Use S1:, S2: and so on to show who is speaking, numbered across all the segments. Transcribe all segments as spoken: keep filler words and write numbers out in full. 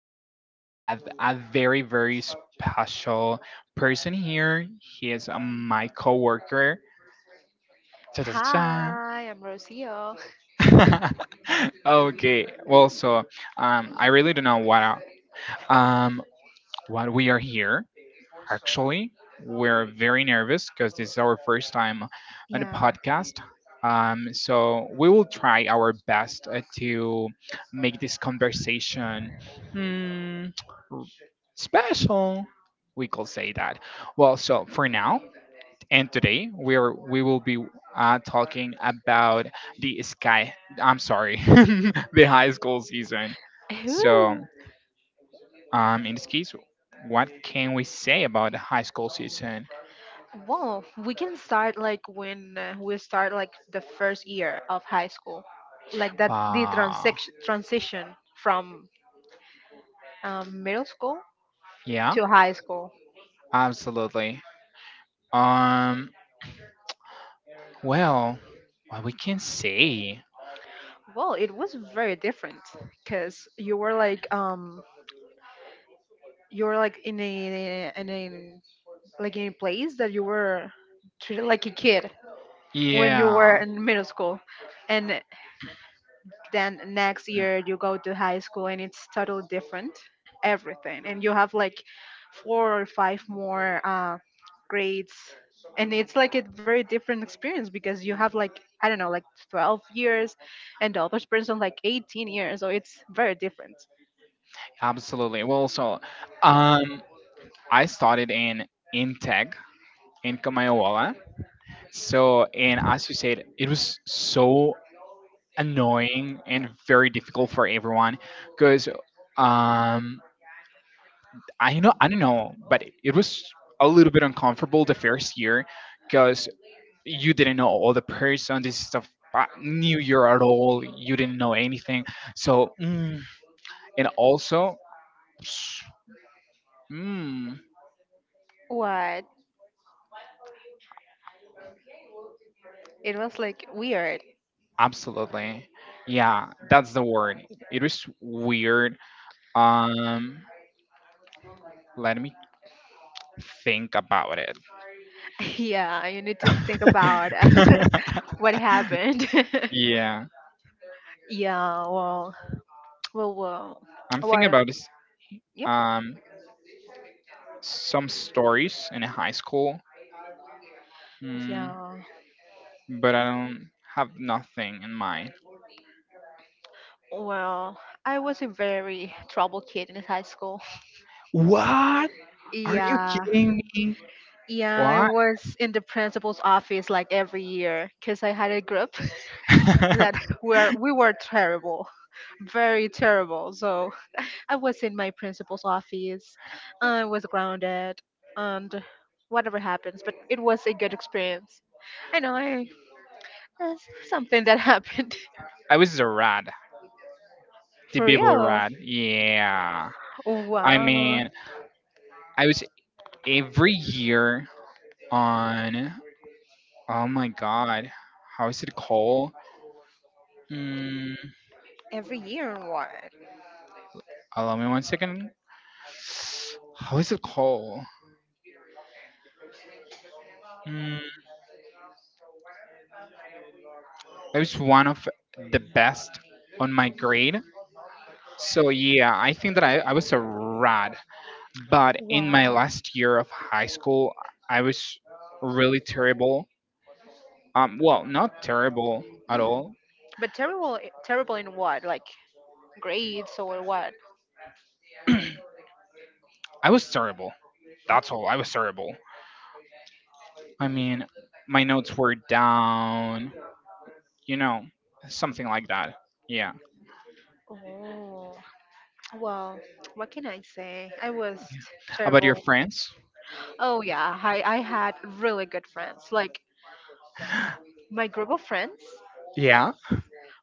S1: for today we have a very, very special person here. He is uh, my coworker. Ta ta ta.
S2: Hi, I'm Rocio.
S1: Ta. Okay. Well, so um, I really don't know what uh, um what we are here. Actually, we're very nervous because this is our first time on a
S2: Yeah.
S1: podcast. Um, so we will try our best uh, to make this conversation mm, r- special. We could say that. Well, so for now and today, we are we will be uh, talking about the sky. I'm sorry, the high school season. So,
S2: Ooh.
S1: um, in this case, what can we say about the high school season?
S2: Well, we can start like when uh, we start like the first year of high school, like that the
S1: Wow.
S2: transition transition from um, middle school
S1: Yeah,
S2: to high school.
S1: absolutely. Um, well, what we can say.
S2: Well, it was very different because you were like um you were like in a in a like in a place that you were treated like a kid when you were
S1: Yeah,
S2: in middle school, and then next year you go to high school and it's totally different everything, and you have like four or five more uh, grades. And it's like a very different experience because you have like I don't know, like 12 years and the other person like 18 years, so it's very different.
S1: absolutely. Well, so, um, I started in in tech in Kamayawa. So, and as you said, it was so annoying and very difficult for everyone because um I know, I don't know, but it, it was a little bit uncomfortable the first year because you didn't know all the person. This is the f- new year at all. You didn't know anything. So, mm, and also, mm,
S2: What? It was like weird.
S1: absolutely, yeah, that's the word. It was weird. Um, let me think about it.
S2: Yeah, you need to think about uh, what happened.
S1: Yeah,
S2: Yeah, well, well, well,
S1: I'm thinking
S2: well,
S1: about this.
S2: yeah,
S1: Um, some stories in high school. Hmm.
S2: yeah.
S1: But I don't have nothing in mind.
S2: Well, I was a very troubled kid in high school.
S1: What? Are you
S2: Yeah,
S1: kidding me?
S2: yeah, I
S1: What?
S2: was in the principal's office like every year because I had a group
S1: I
S2: that were we were terrible, very terrible. So I was in my principal's office. I was grounded, and whatever happens. But it was a good experience. I know I, that's something that happened
S1: was a rat. The
S2: for
S1: people
S2: real.
S1: rat. Yeah. I
S2: Wow.
S1: mean, I was every year on. Oh my god. How is it called? Mm,
S2: Every year or what?
S1: allow me one second. How is it called? Mm, I was one of the best on my grade. So yeah, I think that I, I was a rat. But in my
S2: Wow.
S1: last year of high school, I was really terrible. Um, well, not terrible at
S2: Mm.
S1: all.
S2: But terrible, i- terrible in what? Like grades or what?
S1: I was terrible. That's all. I was terrible. I mean, my notes were down, you know, something like that. Yeah.
S2: Oh, well, what can I say? I was
S1: About your
S2: terrible.
S1: friends?
S2: Oh yeah, I I had really good friends. Like my group of friends
S1: Yeah.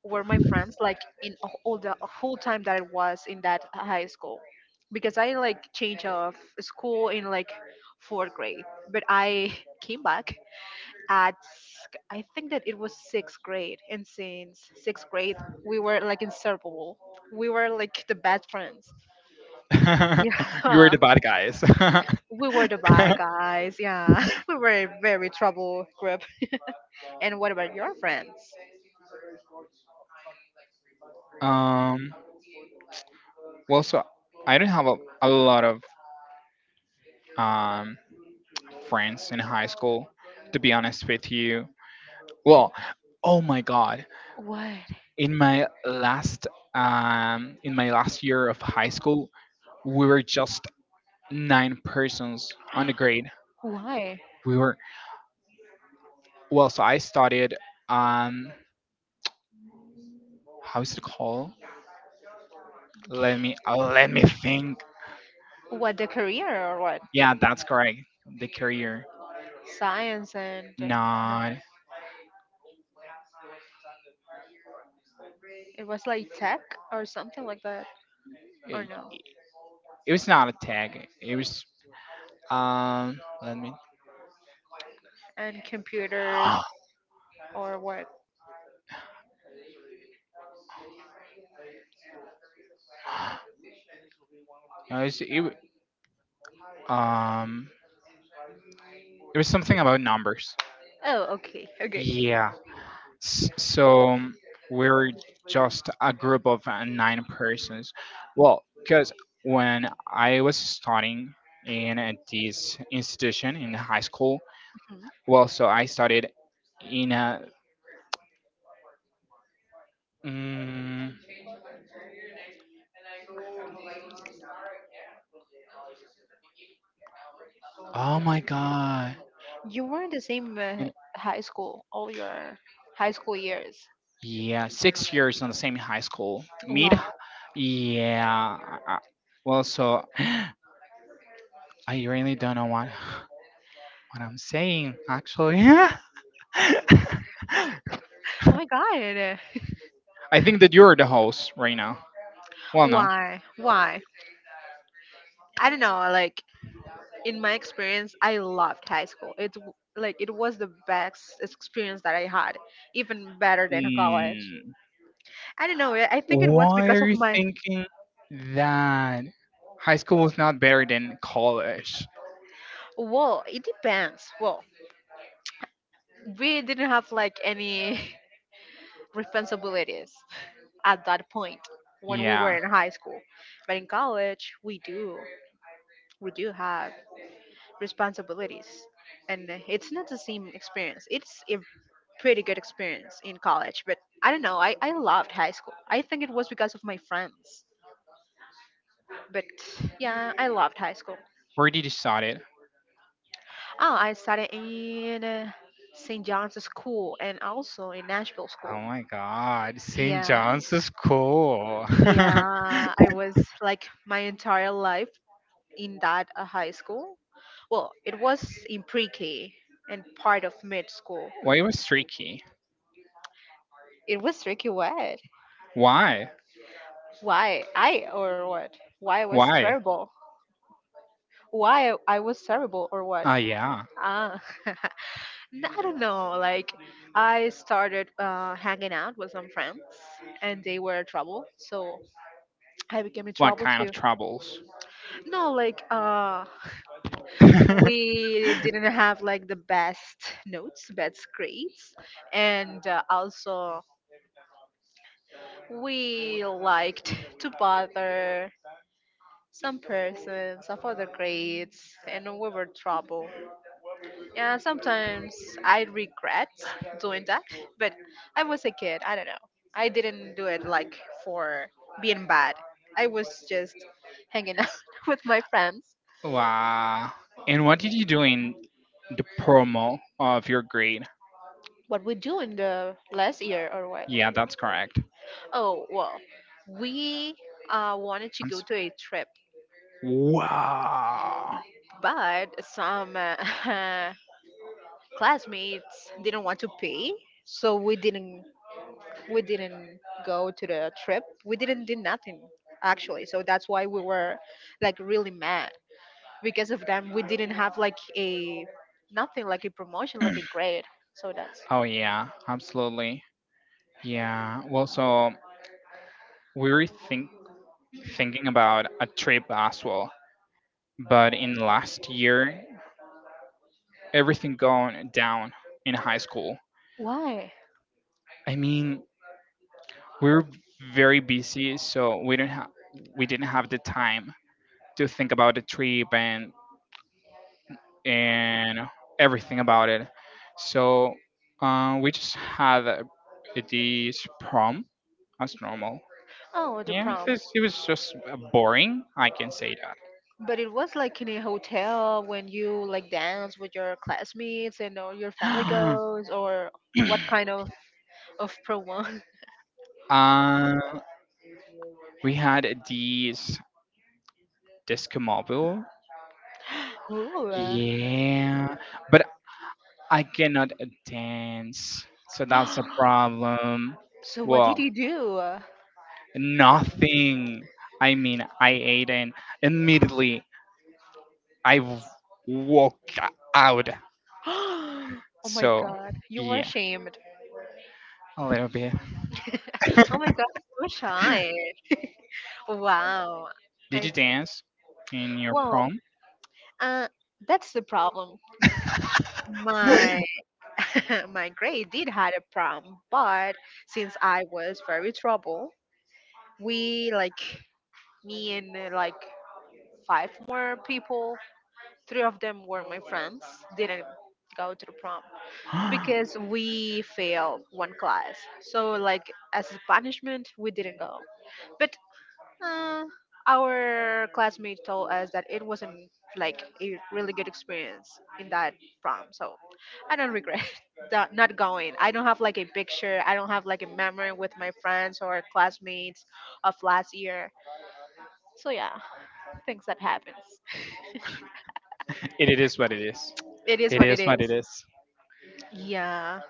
S2: were my friends like in a- all the whole time that I was in that high school because I like changed of school in like fourth grade, but I came back at s- I think that it was sixth grade, and since sixth grade we were like inseparable, we were like the best friends.
S1: You were
S2: Yeah,
S1: the bad guys.
S2: we were the bad guys, yeah, we were a very trouble group. And what about your friends?
S1: um, well, so I didn't have a, a lot of um, friends in high school, to be honest with you. Well, oh my God.
S2: What?
S1: In my last um in my last year of high school, we were just nine persons on the grade.
S2: Why?
S1: We were, well, so I studied, um how is it called? Let me uh, let me think.
S2: What, the career or what?
S1: Yeah, that's correct. The career.
S2: Science and uh, no.
S1: Not,
S2: It was like tech or something like that, or
S1: it,
S2: no?
S1: it was not a tag. It was, um let me.
S2: And computers or what?
S1: No, it was, it, w- um it was something about numbers.
S2: Oh, okay. Okay.
S1: Yeah. S- So um, we're just a group of uh, nine persons. Well, because when I was studying in uh, this institution in high school, well, so I studied in a. Mm, oh my god.
S2: You were in the same uh,
S1: In-
S2: high school all your high school years.
S1: Yeah, six years in the same high school. Mid.
S2: Wow.
S1: Yeah. I- I- Well, so I really don't know what what I'm saying actually.
S2: Oh my God.
S1: I think that you're the host right now. Well, no.
S2: Why? Why? I don't know. Like in my experience, I loved high school. It's w- like it was the best experience that I had, even better than college.
S1: Mm,
S2: I don't know. I I think it was
S1: why
S2: because
S1: are
S2: of
S1: you
S2: my.
S1: thinking that high school was not better than college?
S2: Well, it depends. Well, we didn't have like any responsibilities at that point when we were
S1: Yeah.
S2: in high school, but in college we do. we do have responsibilities, and it's not the same experience. It's a pretty good experience in college, but I don't know, i, I loved high school. I think it was because of my friends, but yeah, I loved high school.
S1: Where did you start it?
S2: Oh, I studied in uh, St. John's school and also in Nashville
S1: Oh
S2: school.
S1: my god, Saint
S2: Yeah,
S1: John's is cool.
S2: yeah, I was like my entire life in that uh, high school. Well, it was in pre-k and part of mid school.
S1: Why it was tricky?
S2: It was tricky way.
S1: Why?
S2: Why I or what? Why I was
S1: Why?
S2: terrible? Why I was terrible or what?
S1: Ah, yeah.
S2: Ah, n- I don't know. Like, I started uh, hanging out with some friends, and they were trouble, so I became in
S1: What
S2: trouble
S1: kind of
S2: too.
S1: troubles?
S2: No, like, uh, we didn't have like the best notes, best grades, and uh, also we liked to bother some persons of other grades, and we were trouble. And sometimes I regret doing that, but I was a kid. I don't know. I didn't do it like for being bad. I was just hanging out with my friends.
S1: Wow. And what did you do in the promo of your grade?
S2: What we do in the last year or what?
S1: Yeah, that's correct.
S2: Oh well, we uh, wanted to
S1: I'm
S2: go
S1: s-
S2: to a trip,
S1: wow.
S2: but some uh, classmates didn't want to pay, so we didn't we didn't go to the trip. We didn't do nothing, actually. So that's why we were like really mad because of them. We didn't have like a nothing like a promotion, like a grade. So that's
S1: Oh yeah, absolutely. Yeah. Well, so we were think thinking about a trip as well, but in last year, everything gone down in high school.
S2: why.
S1: I mean, we were very busy, so we didn't have we didn't have the time to think about the trip and and everything about it. So uh, we just had uh, this prom as normal.
S2: Oh, the
S1: Yeah,
S2: prom.
S1: this, it was just uh, boring. I can say
S2: But it was like in a hotel when you like dance with your classmates and all your family
S1: that.
S2: goes, or what kind of of prom?
S1: uh, we had these disco mobile.
S2: Ooh. uh,
S1: Yeah, but I cannot dance, so that's a problem.
S2: So what did
S1: Well,
S2: you do?
S1: nothing. I mean, I ate and immediately I w- walk out.
S2: Oh my
S1: So
S2: god, you were
S1: yeah,
S2: shamed.
S1: a little bit.
S2: Oh my god, so shy. Wow.
S1: Did you
S2: I
S1: dance in your
S2: well,
S1: prom?
S2: uh, that's the problem.
S1: It
S2: My my grade did had a problem, but since I was very trouble, we like me and uh, like five more people, three of them were my friends, didn't go to the prom, because we failed one class. So like as a punishment, we didn't go. But uh, our classmate told us that it wasn't like a really good experience in that prom. So I don't regret that not going. I don't have like a picture. I don't have like a memory with my friends or classmates of last year. So yeah, things that happens.
S1: is what it is.
S2: It is
S1: It
S2: what it
S1: is what it
S2: is.
S1: is.
S2: Yeah.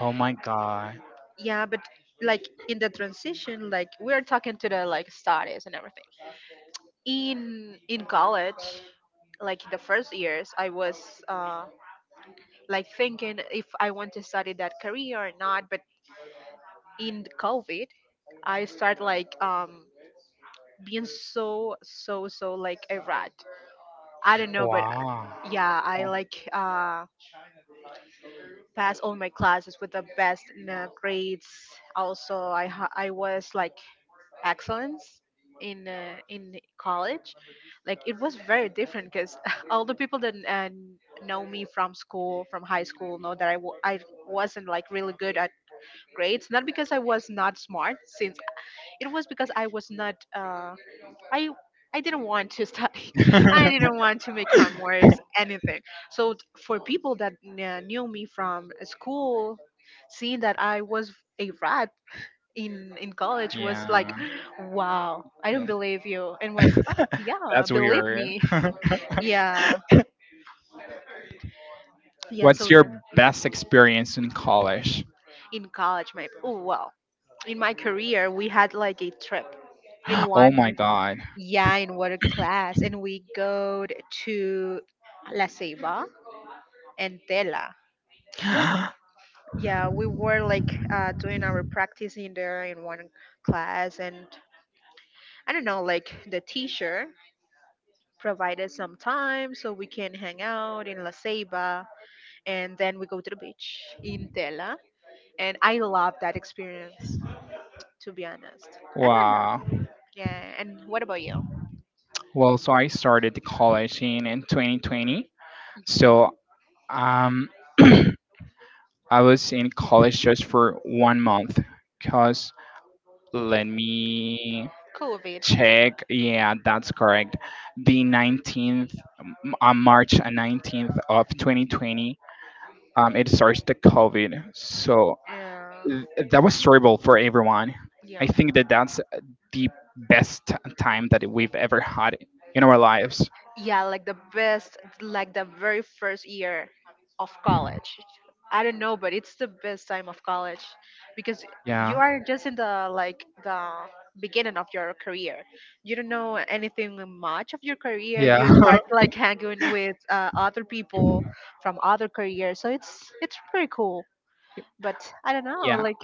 S1: Oh my god.
S2: Yeah, but like in the transition, like we're talking to the like studies and everything in in college, like the first years I was uh like thinking if I want to study that career or not, but in the COVID I start like um being so so so like a rat. I don't know, but uh,
S1: Wow.
S2: yeah, I like uh pass all my classes with the best uh, grades. Also, i ha- I was like excellence in uh, in college. Like, it was very different because all the people that uh, know me from school, from high school, know that I w- I wasn't like really good at grades, not because I was not smart since it was because I was not uh, i i didn't want to study. I didn't want to make homeworks anything, so t- for people that uh, knew me from school, seeing that I was a rat in in college was like,
S1: Yeah.
S2: wow, I don't believe you, and was oh yeah,
S1: That's
S2: believe
S1: weird.
S2: me. Yeah, yeah. So
S1: What's your
S2: the,
S1: best experience in college?
S2: in college, my oh wow, in my career we had like a trip in
S1: Oh
S2: one,
S1: my god.
S2: yeah, in water class, and we go to La Ceiba and Tela. Yeah, we were like uh, doing our practice in there in one class, and I don't know, like the teacher provided some time so we can hang out in La Ceiba, and then we go to the beach in Tela. And I love that experience, to be honest. I don't know.
S1: Wow.
S2: Yeah. And what about you?
S1: Well, so I started the college in, in twenty twenty. So,
S2: Mhm.
S1: um, I was in college just for one month. Cause let me
S2: COVID.
S1: check. Yeah, that's correct. The nineteenth, on March nineteenth of twenty twenty, um, it starts the COVID. So
S2: Yeah.
S1: th- that was terrible for everyone.
S2: Yeah.
S1: I think that that's the best time that we've ever had in our lives.
S2: Yeah, like the best, like the very first year of college, I don't know, but it's the best time of college because you
S1: Yeah.
S2: are just in the, like, the beginning of your career, you don't know anything much of your career,
S1: Yeah.
S2: you start like hanging with uh, other people from other careers, so it's it's pretty cool. But I don't know,
S1: Yeah.
S2: like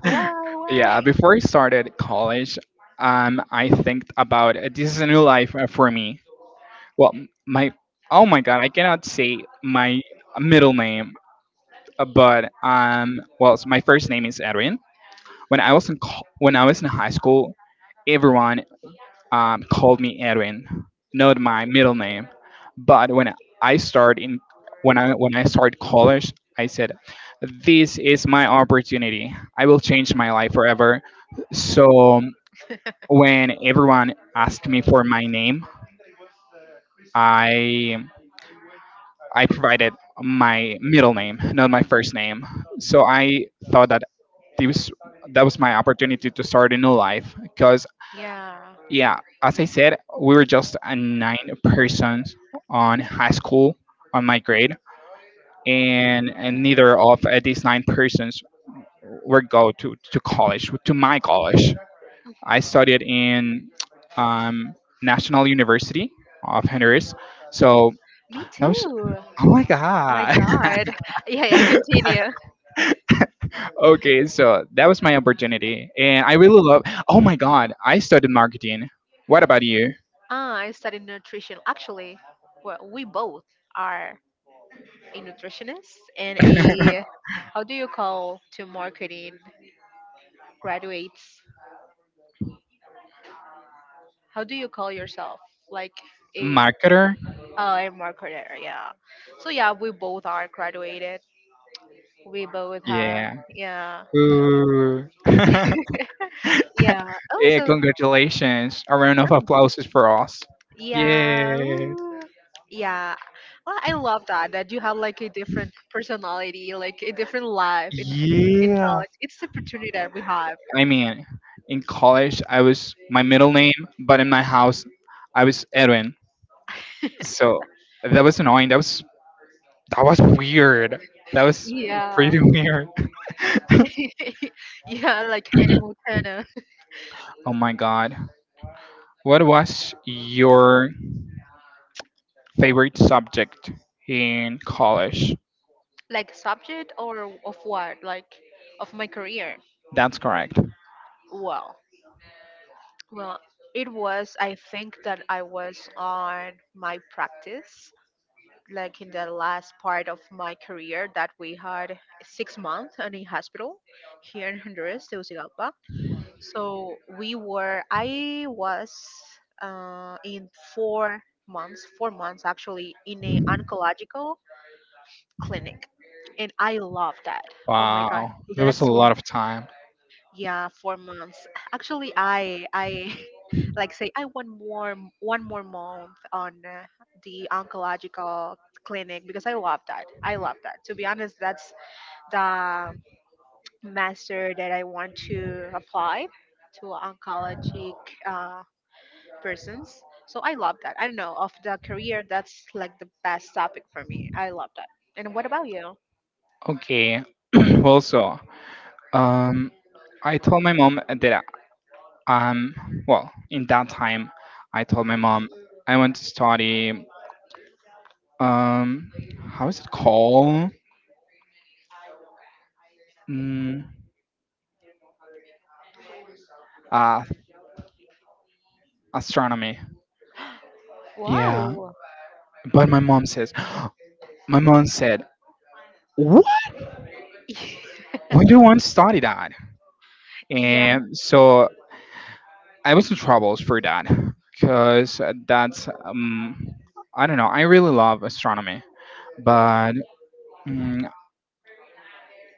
S2: why
S1: Yeah,
S2: why
S1: before I started college, um, I think about uh, this is a new life uh, for me. Well, m- my, oh my god, I cannot say my middle name, uh, but um, well, so my first name is Edwin. When I was in co- when I was in high school, everyone um, called me Edwin, not my middle name. But when I start in when I when I start college, I said, "This is my opportunity. I will change my life forever." So when everyone asked me for my name, I I provided my middle name, not my first name. So I thought that this that was my opportunity to start a new life, because
S2: Yeah.
S1: yeah, as I said, we were just a nine persons on high school, on my grade, and, and neither of uh, these nine persons were go to, to college, to my college. I studied in um,
S2: Mhm.
S1: National University of Honduras. So
S2: Me
S1: that
S2: too.
S1: was, oh
S2: Oh
S1: my
S2: my
S1: god.
S2: god. Yeah, yeah, continue.
S1: Okay, so that was my opportunity and I really love, oh my god, I studied marketing. What about you?
S2: Ah, I studied nutrition. Actually, well, we both are a nutritionist and a how do you call to marketing graduates? How do you call yourself? Like a
S1: Marketer,
S2: uh, a marketer, yeah. So yeah, we both are graduated. We both have.
S1: yeah.
S2: Yeah.
S1: Ooh.
S2: Yeah. Oh
S1: Yeah,
S2: so
S1: congratulations. A round of
S2: oh,
S1: applause is for us.
S2: yeah.
S1: Yeah.
S2: Ooh. Yeah. Well, I love that that you have like a different personality, like a different life in in
S1: Yeah.
S2: college. It's the opportunity that we have.
S1: I mean, in college, I was my middle name, but in my house, I was Edwin. So that was annoying. That was that was weird. That was
S2: Yeah.
S1: pretty weird.
S2: Yeah, like Hannah Montana.
S1: Oh my god. What was your favorite subject in college?
S2: Like subject or of what? Like of my career.
S1: That's correct.
S2: Well, well, it was I think that I was on my practice like in the last part of my career that we had six months in a hospital here in Honduras, Tegucigalpa. So we were, I was uh, in four months, four months actually in a oncological clinic, and I love that. Oh my God,
S1: Wow. There was a
S2: that's one,
S1: lot of time.
S2: yeah, four months. Actually, I I like say I want more m- one more month on uh, the oncological clinic because I love that. I love that. To be honest, that's the master that I want to apply to oncologic uh, persons. So I love that. I don't know of the career that's like the best topic for me. I love that. And what about you?
S1: Okay. Well, so um, I told my mom that, um, well, in that time, I told my mom I want to study, um, how is it called? Mm, uh, astronomy. Yeah,
S2: Wow.
S1: but my mom says my mom said, "What? Why do you want to study that?"
S2: Yeah,
S1: And so I was in troubles for that because that's, um, I don't know. I really love astronomy, but. mm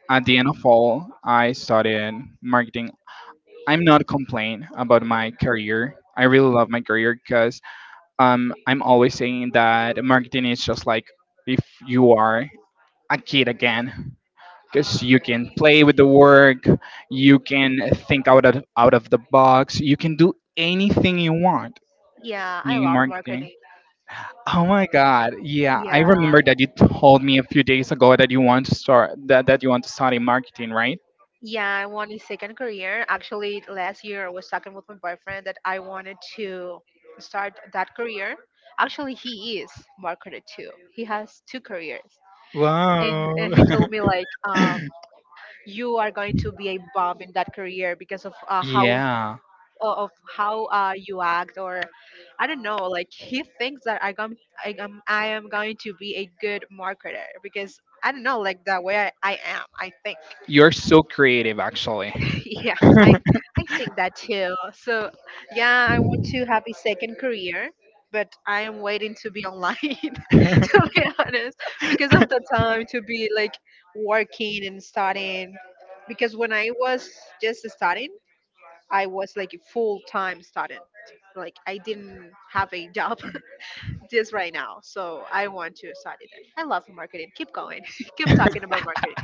S1: At the end of all, I studied marketing. I'm not complaining about my career. I really love my career, because um, I'm always saying that marketing is just like if you are a kid again, because you can play with the work, you can think out of, out of the box, you can do anything you want
S2: yeah, I
S1: in
S2: love
S1: marketing.
S2: marketing.
S1: Oh my god. Yeah, I
S2: Yeah,
S1: remember that you told me a few days ago that you want to start that, that you want to study marketing, right?
S2: yeah, I want a second career. Actually, last year I was talking with my boyfriend that I wanted to start that career. Actually, he is marketer too. He has two careers. And,
S1: Wow.
S2: and he told me like, um, you are going to be a bomb in that career because of uh, how
S1: Yeah.
S2: o- of how uh, you act or I don't know. Like he thinks that I am I am I am going to be a good marketer because I don't know, like the way I, I am. I think.
S1: You're so creative, actually.
S2: Yeah, I I think that too. So yeah, I want to have a second career, but I am waiting to be online to be honest, because of the time to be like working and studying. Because when I was just studying, I was like a full time student. Like I didn't have a job just right now, so I want to study that. I love marketing. Keep going. Keep talking about marketing.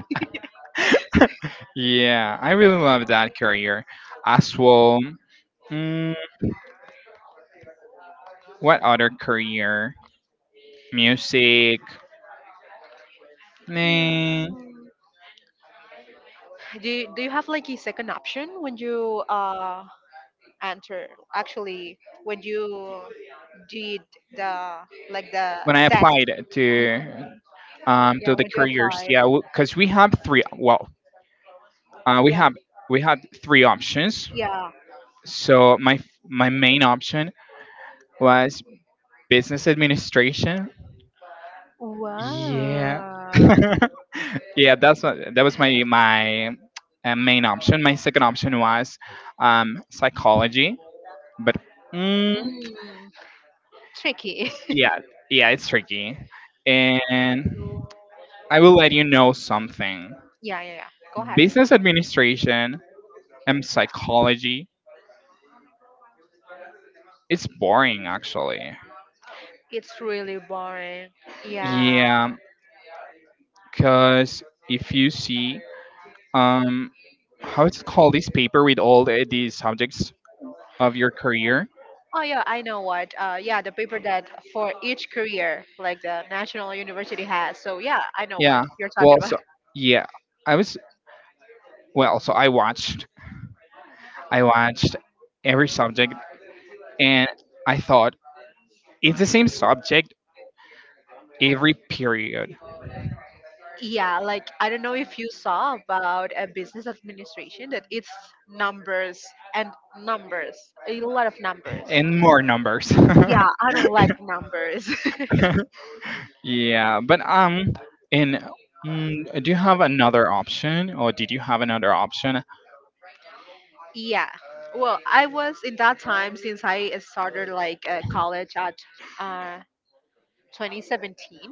S1: Yeah. I really love that career as well. Mm, what other career? Music.
S2: Yeah.
S1: Nah.
S2: do you, do you have like a second option when you uh enter, actually, when you did the like the
S1: When I
S2: test?
S1: applied to
S2: Mhm.
S1: um
S2: Yeah,
S1: to the
S2: when you
S1: careers,
S2: applied.
S1: yeah, because we have three. Well, uh, we
S2: Yeah,
S1: have we had three options.
S2: yeah,
S1: So my my main option was business administration. Yeah.
S2: wow.
S1: Yeah, that's what, that was my my uh, main option. My second option was um, psychology, but mm,
S2: Mm, tricky.
S1: yeah, yeah, it's tricky. And I will let you know something.
S2: Yeah, yeah, yeah, go ahead.
S1: Business administration and psychology, it's boring actually.
S2: It's really boring, yeah.
S1: Yeah, because if you see, um, how it's called this paper with all the, these subjects of your career.
S2: Oh yeah, I know what, uh yeah, the paper that for each career, like the national university has. So yeah, I know what
S1: Yeah.
S2: you're talking
S1: Well,
S2: about.
S1: so yeah, I was well, so I watched, I watched every subject, and I thought it's the same subject every period
S2: Yeah, like I don't know if you saw about a business administration, that it's numbers and numbers, a lot of numbers.
S1: and more numbers.
S2: Yeah, I don't like numbers.
S1: Yeah, but um, and mm, do you have another option, or did you have another option?
S2: Yeah. Well, I was in that time since I started like uh, college at uh, twenty seventeen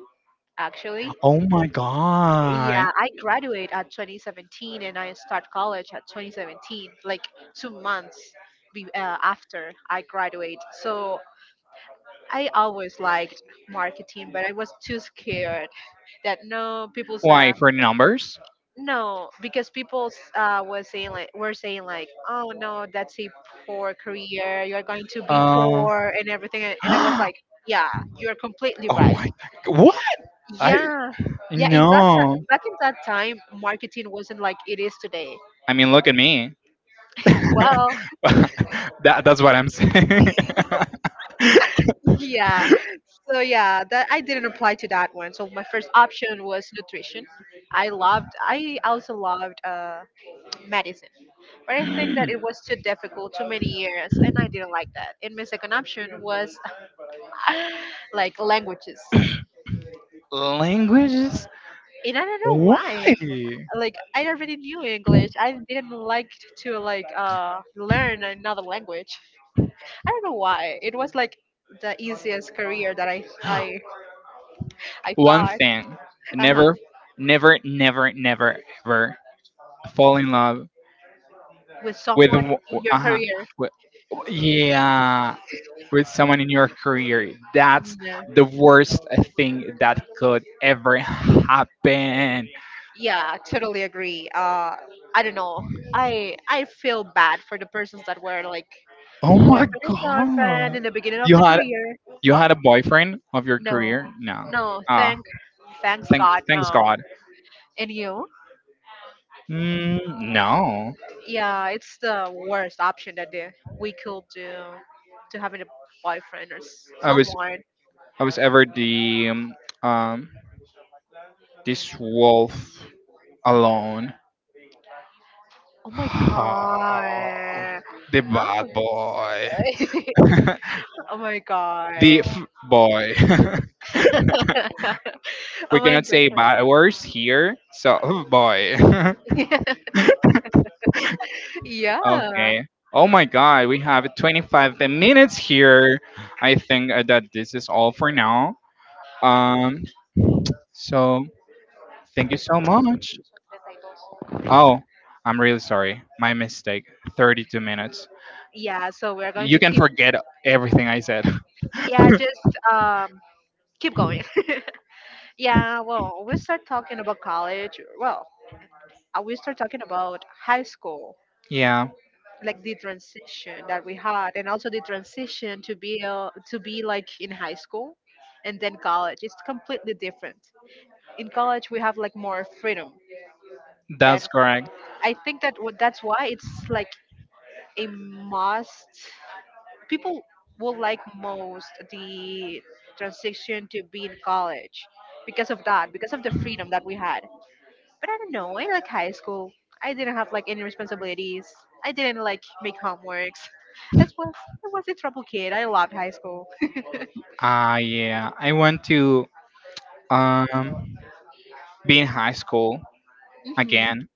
S2: actually.
S1: Oh my god.
S2: Yeah, I graduate at twenty seventeen and I start college at twenty seventeen, like two months be, uh, after I graduate. So I always liked marketing, but I was too scared that no, people
S1: Why
S2: said,
S1: for numbers?
S2: no, because people uh, was saying like were saying like, oh no, that's a poor career, you're going to be
S1: Uh,
S2: poor and everything. and, and I was
S1: oh
S2: like, yeah, you're completely right.
S1: my god! What? I
S2: Yeah, yeah, in that time,
S1: no.
S2: back in that time, marketing wasn't like it is today.
S1: I mean, look at me. that,
S2: Well,
S1: that's what I'm saying.
S2: yeah. So yeah, that I didn't apply to that one. So my first option was nutrition. I loved I also loved uh medicine. But I think that it was too difficult, too many years, and I didn't like that. And my second option was like languages.
S1: Languages?
S2: And I don't know
S1: Why?
S2: why. Like I already knew English. I didn't like to like uh learn another language. I don't know why. It was like the easiest career that I I I
S1: One
S2: thought.
S1: thing.
S2: Uh-huh.
S1: Never, never, never, never, ever fall in love
S2: With
S1: with.
S2: someone in your
S1: Uh huh.
S2: career.
S1: Yeah. With someone in your career. That's
S2: No.
S1: the worst thing that could ever happen.
S2: Yeah, totally agree. Uh, I don't know. I I feel bad for the persons that were like
S1: Oh
S2: boyfriend
S1: my
S2: is our
S1: god.
S2: friend in the beginning of the
S1: You had
S2: career.
S1: you
S2: Oh
S1: had a boyfriend of your
S2: no,
S1: career? No.
S2: no,
S1: Ah,
S2: thank, thanks
S1: thank
S2: God,
S1: thanks
S2: no.
S1: God.
S2: And you?
S1: Mm, no.
S2: Yeah, it's the worst option that they, we could do, to having a boyfriend or s-
S1: I was
S2: someone.
S1: I was ever the, um, um this wolf alone.
S2: Oh my God.
S1: The bad boy.
S2: Oh, oh my God.
S1: the f- boy.
S2: Oh
S1: We
S2: my
S1: cannot say bad words here. So, oh boy.
S2: God. Yeah.
S1: Okay. Oh my god, we have twenty-five minutes here. I think uh, that this is all for now. Um, so thank you so much. Oh, I'm really sorry. My mistake. thirty-two minutes.
S2: Yeah. So we're going
S1: You
S2: to
S1: can
S2: keep.
S1: forget everything I said.
S2: Yeah, just um, keep going. Yeah, well, we start talking about college. Well, uh, we start talking about high school,
S1: Yeah,
S2: like the transition that we had, and also the transition to be uh, to be like in high school, and then college. It's completely different. In college, we have like more freedom.
S1: that's
S2: That
S1: correct.
S2: I think that w- that's why it's like a must. People will like most the transition to be in college because of that, because of the freedom that we had. But I don't know. In like high school, I didn't have like any responsibilities. I didn't like make homeworks. As was I was a trouble kid. I loved high school.
S1: Ah, yeah. I want to um be in high school
S2: Hmm.
S1: again.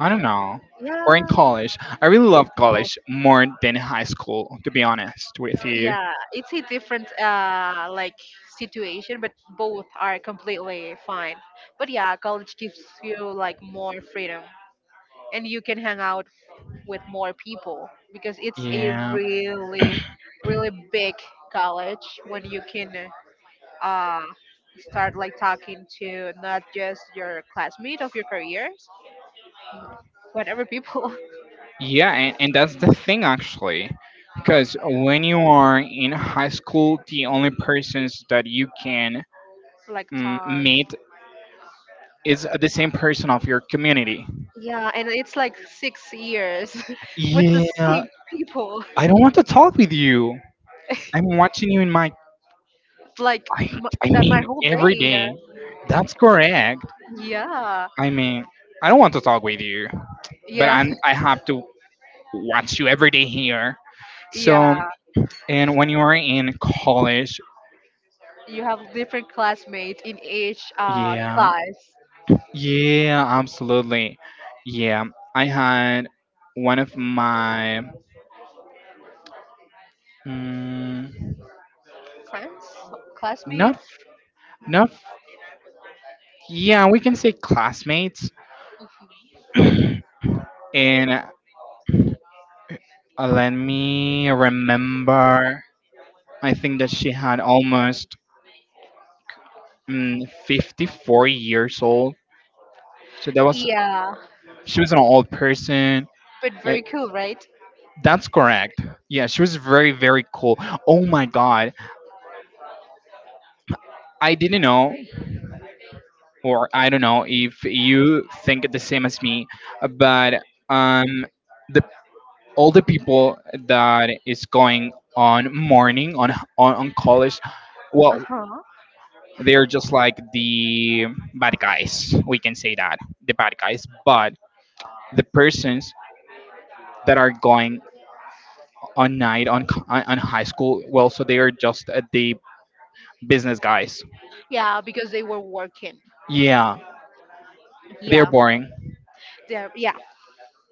S1: I don't know. Or in
S2: Yeah,
S1: college. I really love
S2: both.
S1: college more than high school, to be honest with you.
S2: Yeah, it's a different uh like situation, but both are completely fine. But yeah, college gives you like more freedom, and you can hang out with more people because it's a
S1: Yeah.
S2: really really big college when you can uh, start like talking to not just your classmate of your careers, whatever people
S1: Yeah, and, and that's the thing actually. Because when you are in high school, the only persons that you can
S2: like
S1: mm,
S2: talk.
S1: meet is the same person of your community.
S2: Yeah, and it's like six years with the
S1: Yeah,
S2: same people,
S1: I don't want to talk with you. I'm watching you in my
S2: like
S1: I,
S2: m-
S1: I
S2: that my
S1: mean,
S2: whole
S1: every
S2: day.
S1: day. That's correct.
S2: Yeah,
S1: I mean, I don't want to talk with you, but
S2: yeah,
S1: I'm, I have to watch you every day here. So,
S2: yeah.
S1: and when you are in college,
S2: You have different classmates in each uh,
S1: yeah,
S2: class.
S1: yeah, absolutely. Yeah, I had one of my, mm,
S2: Friends,
S1: not,
S2: classmates.
S1: not, yeah, we can say classmates.
S2: Mm-hmm.
S1: and uh, let me remember. I think that she had almost mm, fifty-four years old. So that was
S2: Yeah,
S1: she was an old person.
S2: but
S1: And
S2: very cool, right?
S1: that's correct. Yeah, she was very very cool. Oh my god. I didn't know, or I don't know if you think the same as me, but um the all the people that is going on morning on on, on college, well,
S2: Uh huh.
S1: they're just like the bad guys, we can say that, the bad guys, but the persons that are going on night on co- on on high school, well, so they are just uh, the business guys.
S2: Yeah, because they were working.
S1: Yeah, they
S2: Yeah,
S1: are boring.
S2: they're yeah.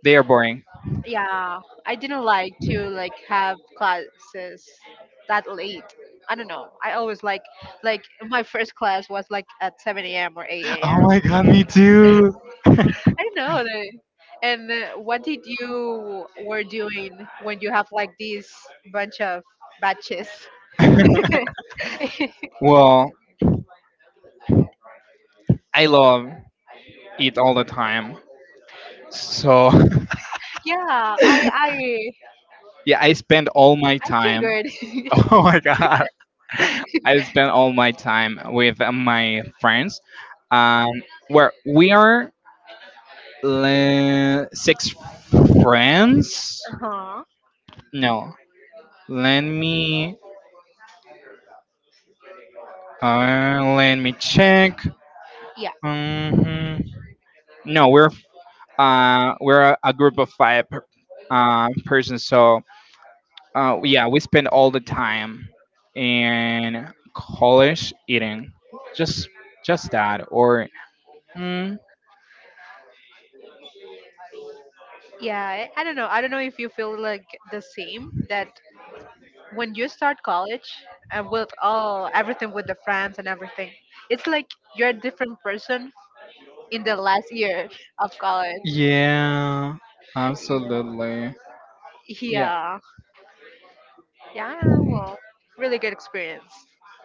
S1: They are boring.
S2: Yeah, I didn't like to like have classes that late. I don't know. I always like like my first class was like at seven a m or 8
S1: Oh
S2: a.m.
S1: my god, me too.
S2: I don't know. the- And uh, what did you were doing when you have like these bunch of batches?
S1: Well, I love it all the time, so.
S2: Yeah, I I
S1: Yeah, I spend all my
S2: I
S1: time.
S2: figured.
S1: Oh my god, I spend all my time with uh, my friends. Um, where we are le- six friends.
S2: Uh-huh.
S1: No, let me uh, let me check.
S2: Yeah,
S1: hmm No, we're uh, we're a, a group of five per, uh, persons. So uh, yeah, we spend all the time in college eating, just just that or mm,
S2: yeah. I I don't know. I don't know if you feel like the same that when you start college and with all everything with the friends and everything, it's like you're a different person in the last year of college.
S1: Yeah,
S2: Yeah,
S1: absolutely. Yeah,
S2: yeah, yeah, well, really good experience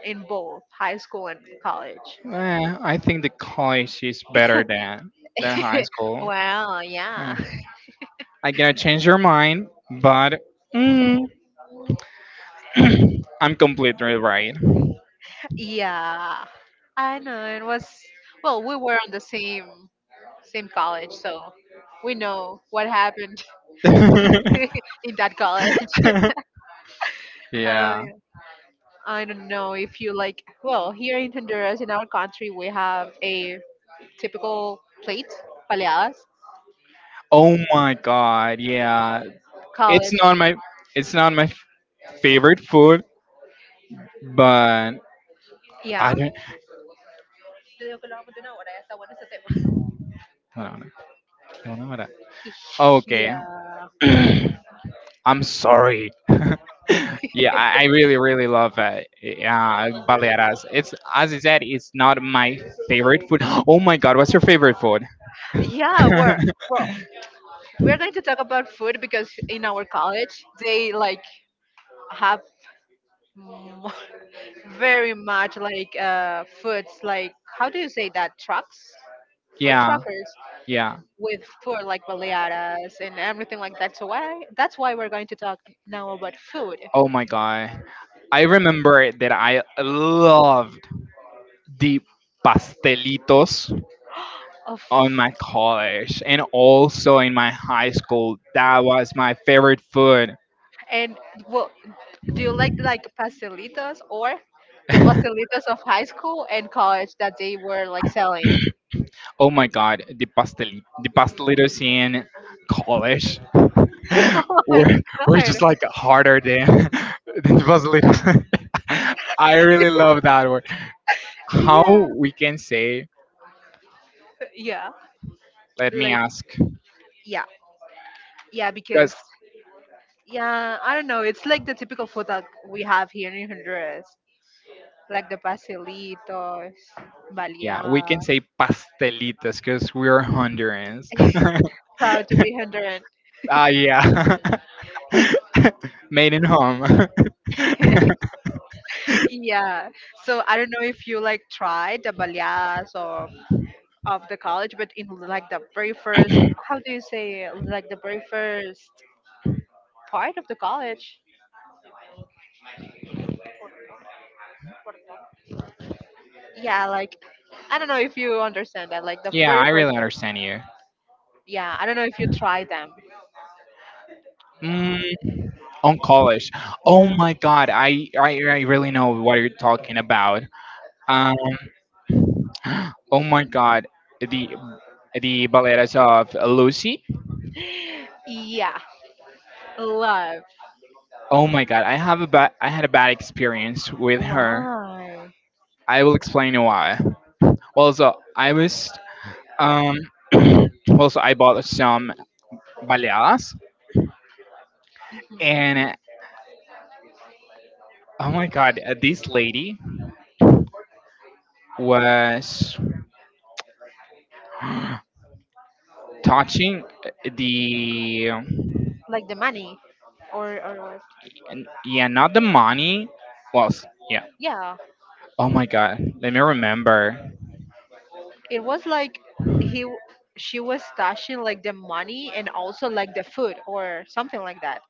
S2: in both high school and college.
S1: eh, I think the college is better than than high school.
S2: Well, yeah.
S1: Eh, I gonna change your mind, but mm, I'm completely right.
S2: Yeah, I know it was, well, we were on the same same college, so we know what happened in that college. Oh
S1: Yeah.
S2: yeah. I don't know if you like, well, here in Honduras, in our country, we have a typical plate, baleadas,
S1: Oh my god. Yeah.
S2: called,
S1: It's
S2: it.
S1: not my it's not my favorite food, but
S2: Yeah,
S1: I don't. Hold on, hold on, hold on. Okay.
S2: yeah,
S1: I'm sorry. Yeah, I, I really, really love uh, uh, baleadas. It's, as I said, it's not my favorite food. Oh my god, what's your favorite food?
S2: yeah, we're, we're we're going to talk about food because in our college, they like have m- very much like uh, foods, like, how do you say that, trucks? Food
S1: Yeah,
S2: truckers
S1: yeah.
S2: with food like baleadas and everything like that, so why that's why we're going to talk now about food.
S1: Oh my god, I remember that I loved the pastelitos
S2: Of.
S1: on my college and also in my high school. That was my favorite food.
S2: And, well, do you like like pastelitos or the pastelitos of high school and college that they were like selling?
S1: Oh my god, the pastel the pastelitos in college.
S2: Oh my
S1: we're, we're
S2: god.
S1: just like harder than than Vaseline. I really love that word. How
S2: Yeah.
S1: we can say,
S2: Yeah.
S1: let me
S2: Like
S1: ask,
S2: yeah. Yeah, because
S1: because
S2: yeah, I don't know. It's like the typical food that we have here in Honduras. Like the pastelitos,
S1: yeah, we can say
S2: baleadas.
S1: pastelitas because we are Hondurans.
S2: Proud to be Honduran.
S1: Ah, yeah, made in home.
S2: Yeah. So I don't know if you like tried the baleadas or of the college, but in like the very first, how do you say, like the very first part of the college. Yeah, like I don't know if you understand that, like the
S1: Yeah,
S2: very
S1: I
S2: first
S1: really
S2: part.
S1: understand you.
S2: Yeah, I don't know if you try them.
S1: Mm, on college. Oh
S2: Yeah.
S1: my god, I I, I really know what you're talking about. Um, oh my god, the the balletas of Lucy.
S2: Yeah, love.
S1: Oh my god, I have a bad I had a bad experience with her.
S2: Why?
S1: I will explain why. Well, so I was um well, so I bought some baleadas.
S2: Mhm.
S1: And oh my god, this lady was touching the.
S2: Like the money, or or what?
S1: N- yeah, not the money. Was yeah.
S2: Yeah,
S1: Oh my god, let me remember.
S2: it was like he, w- she was stashing like the money and also like the food or something like that.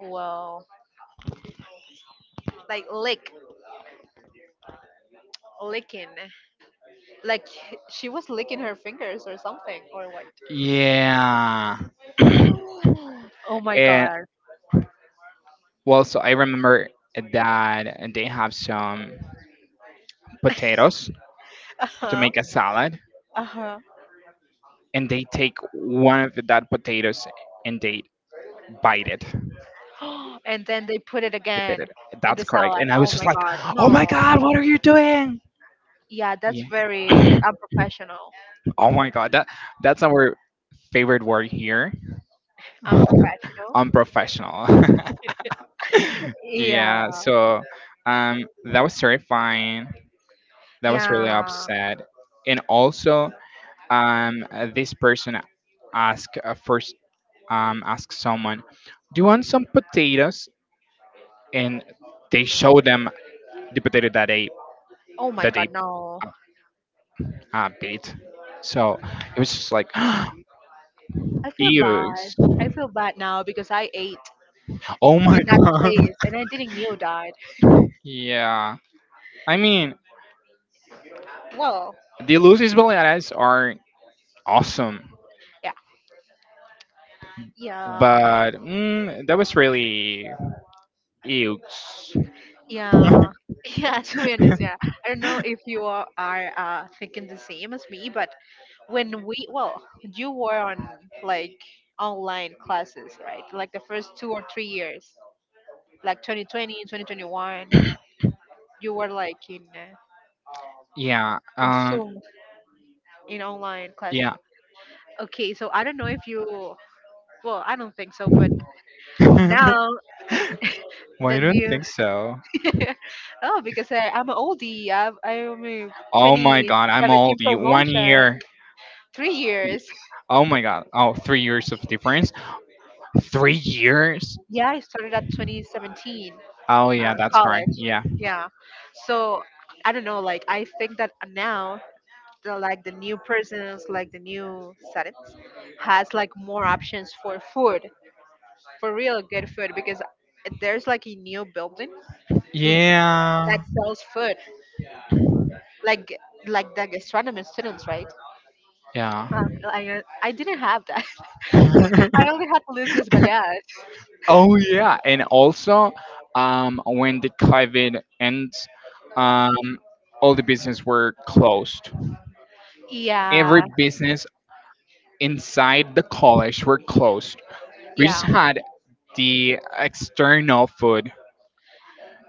S2: Wow, like lick, licking. Like she was licking her fingers or something or what?
S1: Yeah.
S2: Oh my
S1: and
S2: god.
S1: well, so I remember that they have some potatoes
S2: Uh
S1: to
S2: huh.
S1: make a salad,
S2: Uh
S1: and they take one of that potatoes and they bite it.
S2: huh. And then they put it
S1: They bit
S2: again
S1: it.
S2: in the
S1: That's correct.
S2: salad.
S1: And I was
S2: Oh
S1: just
S2: my
S1: like,
S2: god.
S1: "Oh my
S2: No.
S1: god, what are you doing?"
S2: Yeah, that's
S1: Yeah.
S2: very unprofessional.
S1: oh my god, that that's our favorite word here.
S2: Unprofessional.
S1: Unprofessional. Yeah,
S2: Yeah.
S1: so um, that was terrifying. That was really
S2: Yeah.
S1: upset. And also, um, uh, this person asked uh, first, um, asked someone, "Do you want some potatoes?" And they show them the potato that they
S2: Oh my
S1: that they
S2: god. No.
S1: uh, beat. So it was just like,
S2: I feel
S1: ew!
S2: bad. I feel bad now because I ate
S1: Oh my
S2: in that
S1: god!
S2: place and I didn't knew that.
S1: Yeah, I mean,
S2: Well,
S1: the Lucy's Baleadas are awesome,
S2: yeah. Yeah.
S1: but mm, that was really ew.
S2: Yeah. Yeah, to be honest, yeah. I don't know if you are, are uh, thinking the same as me, but when we, well, you were on like online classes, right? Like the first two or three years, like twenty twenty, twenty twenty-one, you were like in uh,
S1: Yeah.
S2: in
S1: Um.
S2: Zoom, in online classes.
S1: Yeah.
S2: Okay, so I don't know if you, well, I don't think so, but now
S1: Why
S2: the
S1: do I
S2: new,
S1: think so?
S2: oh, because I, I'm an oldie, I'm, I'm a
S1: Oh my god, I'm
S2: twenty seventeen
S1: old. You one
S2: promotion,
S1: year.
S2: three years.
S1: Oh my god. Oh, three years of difference. Three years.
S2: Yeah, I started at twenty seventeen,
S1: Oh
S2: uh,
S1: yeah, that's correct.
S2: college.
S1: Yeah.
S2: Yeah. So I don't know, like I think that now the like the new persons, like the new settings has like more options for food, for real good food because there's like a new building that
S1: Yeah.
S2: sells food, like like the gastronomy students, right?
S1: Yeah.
S2: Uh, I uh, I didn't have that. I only had Lucius Baleas.
S1: Oh yeah, and also um, when the COVID ends, um, all the business were closed. Every
S2: Yeah,
S1: business inside the college were closed. We just
S2: yeah.
S1: had the external food,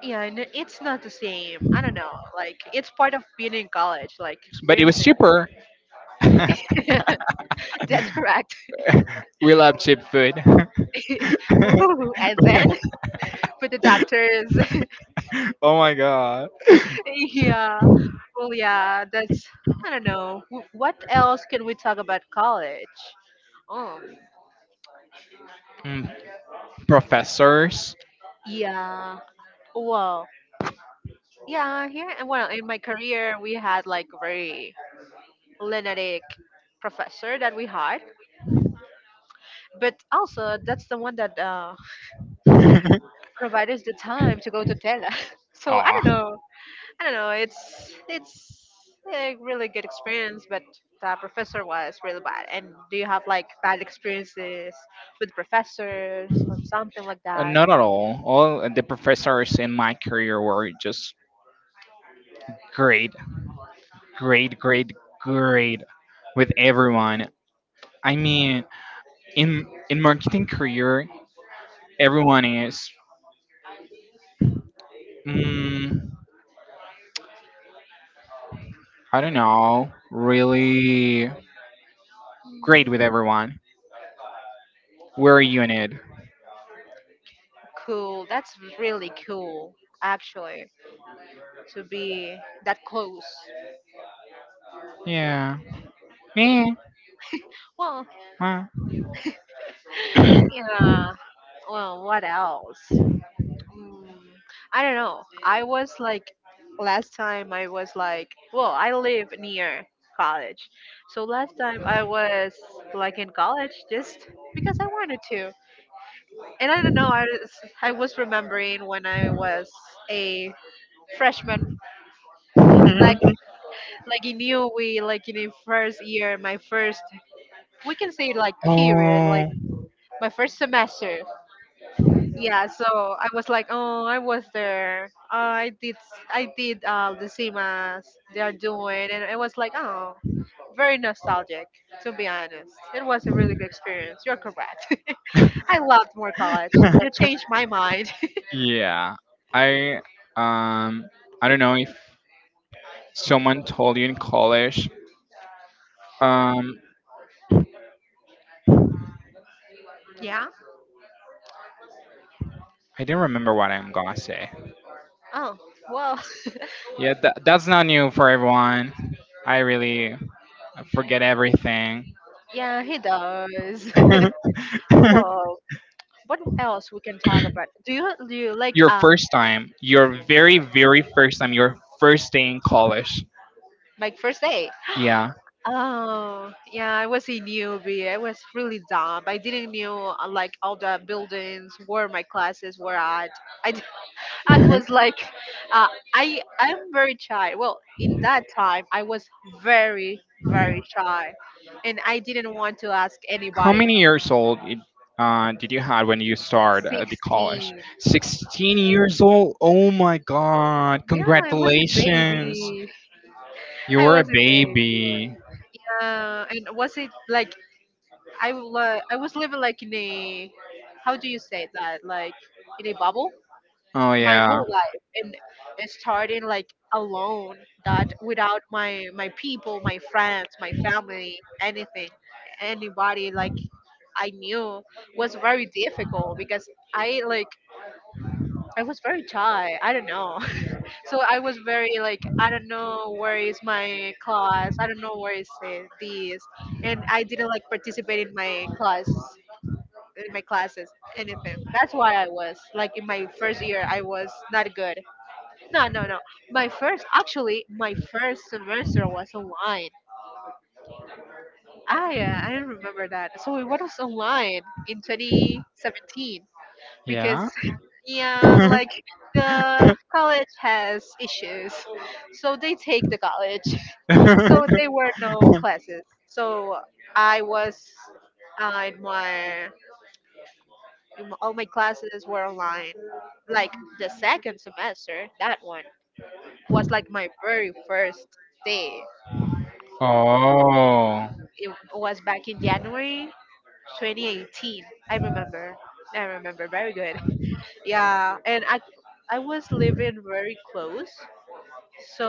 S2: Yeah, and it- it's not the same. I don't know. Like it's part of being in college, like
S1: but it was
S2: experiencing.
S1: cheaper.
S2: That's correct.
S1: We love cheap food.
S2: Woo, and then with the doctors,
S1: Oh my god.
S2: yeah. Well, yeah. That's I don't know. Wh- What else can we talk about college? Um,
S1: Mm, professors.
S2: yeah. Well, yeah. Here and well, in my career, we had like very lunatic professor that we had, but also that's the one that uh provide us the time to go to Tela. So I
S1: Ah,
S2: don't know. I don't know. It's it's a really good experience, but the professor was really bad. And do you have like bad experiences with professors or something like
S1: uh,
S2: that?
S1: Not at all. All the professors in my career were just great, great, great, great with everyone. I mean, in in marketing career, everyone is, mm, I don't know, really great with everyone. We're a unit.
S2: Cool. That's really cool, actually, to be that close.
S1: Yeah. Me.
S2: Well,
S1: Huh.
S2: yeah. Well, what else? Mm, I don't know. I was like last time I was like, well, I live near college. So last time I was like in college just because I wanted to. And I don't know, I was, I was remembering when I was a freshman, like like in you we like in the first year, my first, we can say like period, like
S1: Oh.
S2: my first semester. Yeah, so I was like, oh, I was there. Oh, i did I did uh, the same as they are doing and it was like, oh, very nostalgic to be honest. It was a really good experience. You're correct. I loved more college. You changed my mind.
S1: Yeah. I um I don't know if someone told you in college. Um
S2: Yeah.
S1: I don't remember what I'm gonna say.
S2: Oh, well,
S1: Yeah, tha that's not new for everyone. I really forget everything.
S2: yeah, he does. Well, what else we can talk about? Do you do you like
S1: Your
S2: uh
S1: first time, your very, very first time, your first day in college.
S2: like first date?
S1: Yeah.
S2: Oh, yeah, I was a newbie. I was really dumb. I didn't know uh, like all the buildings where my classes were at. I, d- I was like, uh, I I'm very shy. Well, in that time, I was very very shy, and I didn't want to ask
S1: How
S2: anybody.
S1: many years old it- uh, did you had when you started at the college?
S2: Sixteen.
S1: sixteen years old? Oh my god.
S2: Yeah, I was a
S1: Congratulations.
S2: baby.
S1: You
S2: I
S1: were a
S2: was a baby.
S1: baby.
S2: Uh, and was it like I, li- I was living like in a, how do you say that? Like in a bubble?
S1: Oh
S2: My
S1: yeah.
S2: whole life and starting like alone, that without my my people, my friends, my family, anything, anybody like I knew, was very difficult because I like I was very shy, I don't know. So I was very like, I don't know where is my class, I don't know where is it, this, and I didn't like participate in my class in my classes, anything. That's why I was like in my first year I was not good. No, no, no. My first, actually, my first semester was online. Ah, yeah, I remember that. So it was online in twenty seventeen because,
S1: Yeah.
S2: yeah, like the college has issues. So they take the college. So there were no classes. So I was uh, in my, in my, all my classes were online. Like the second semester, that one was like my very first day.
S1: Oh.
S2: It was back in January twenty eighteen. I remember. I remember very good. Yeah, and I I was living very close.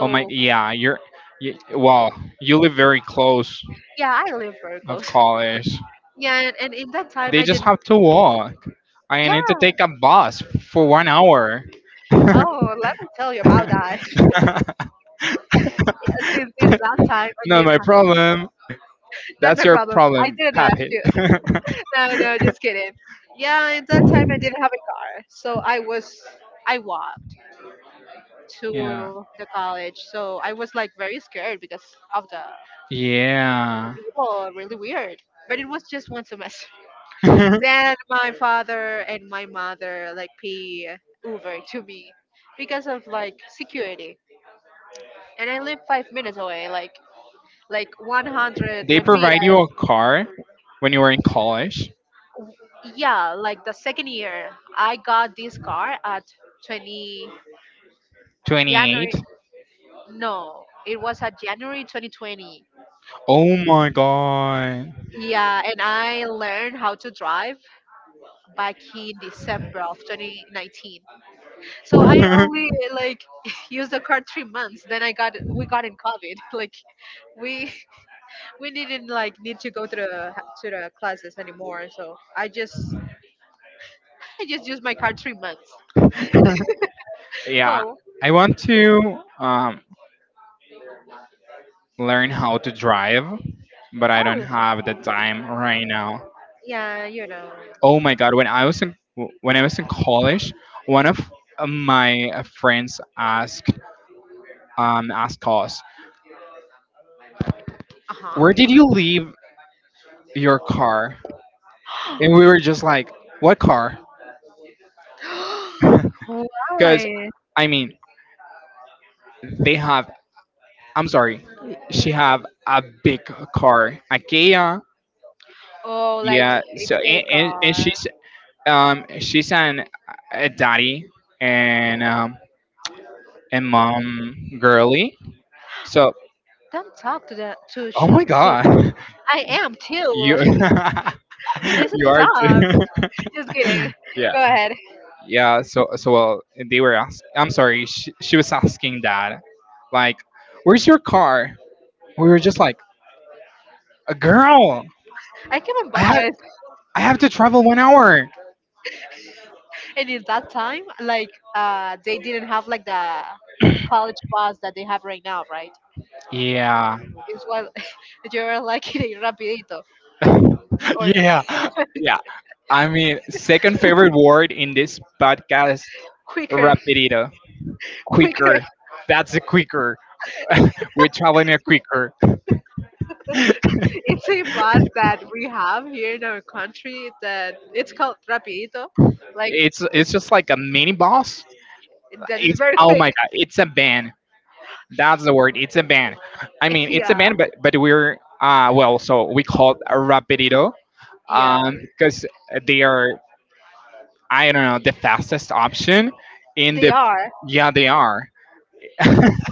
S1: Oh my. Yeah. You're. You, wow. You live very close
S2: yeah, I live very
S1: of
S2: close.
S1: college.
S2: Yeah, and, and in that time
S1: They
S2: I
S1: just
S2: didn't.
S1: have to walk. I need to
S2: Yeah.
S1: take a bus for one hour.
S2: Oh, let me tell you about that. Yeah, since in that time I
S1: Not
S2: didn't
S1: my
S2: have.
S1: problem.
S2: Not
S1: That's
S2: my
S1: your
S2: problem. I
S1: problem,
S2: didn't ask
S1: Pappy.
S2: you. No, no, just kidding. Yeah, in that time I didn't have a car, so I was I walked
S1: Yeah.
S2: to the college. So I was like very scared because of the
S1: Yeah.
S2: people, really weird. But it was just one semester. Then my father and my mother like pay Uber to me because of like security. And I live five minutes away, like like one hundred
S1: They provide
S2: lempiras.
S1: you a car when you were in college,
S2: Yeah, like the second year, I got this car at 20
S1: twenty-eight?
S2: January. No, it was at January twenty twenty.
S1: Oh my god.
S2: Yeah, and I learned how to drive back in December of twenty nineteen. So I only like used the card three months. Then I got we got in COVID. Like we we didn't like need to go to the to the classes anymore. So I just I just used my card three months.
S1: Yeah,
S2: Well,
S1: I want to um, learn how to drive, but I don't
S2: oh
S1: have the time right now.
S2: yeah, you know.
S1: Oh my god, when I was in when I was in college, one of my friends asked um, asked us,
S2: Uh huh.
S1: "Where did you leave your car?" And we were just like, what car? Because,
S2: Why?
S1: I mean, they have, I'm sorry, she have a big car, a Kia.
S2: Oh, like
S1: Yeah.
S2: if
S1: So,
S2: they
S1: and, and, and
S2: are.
S1: she's, um, she's an, a daddy and, um, and mom girly. So,
S2: Don't talk to the to
S1: oh
S2: chill
S1: my
S2: to.
S1: God,
S2: I am too.
S1: you,
S2: Please
S1: you are
S2: stop.
S1: too.
S2: Just kidding.
S1: Yeah.
S2: Go ahead.
S1: Yeah. So, so, well, they were ask. I'm sorry, she, she was asking that, like, where's your car? We were just like, a girl.
S2: I can be
S1: I had.
S2: boss.
S1: I have to travel one hour.
S2: And in that time, like uh, they didn't have like the college bus that they have right now, right?
S1: Yeah.
S2: It's what you're like in a rapidito or
S1: Yeah. Yeah. I mean, second favorite word in this podcast,
S2: quicker,
S1: rapidito.
S2: quicker.
S1: Quicker. That's a quicker. We're traveling a quicker.
S2: It's a bus that we have here in our country that it's called rapidito, like
S1: It's it's just like a, mini boss.
S2: that is
S1: It's
S2: very
S1: Oh
S2: quick.
S1: my god, it's a ban. That's the word. It's a ban. I mean, it's a
S2: Yeah,
S1: ban, but but we're uh well, so we call it a rapidito
S2: yeah,
S1: um because they are, I don't know, the fastest option in
S2: they
S1: the.
S2: are.
S1: Yeah, they are.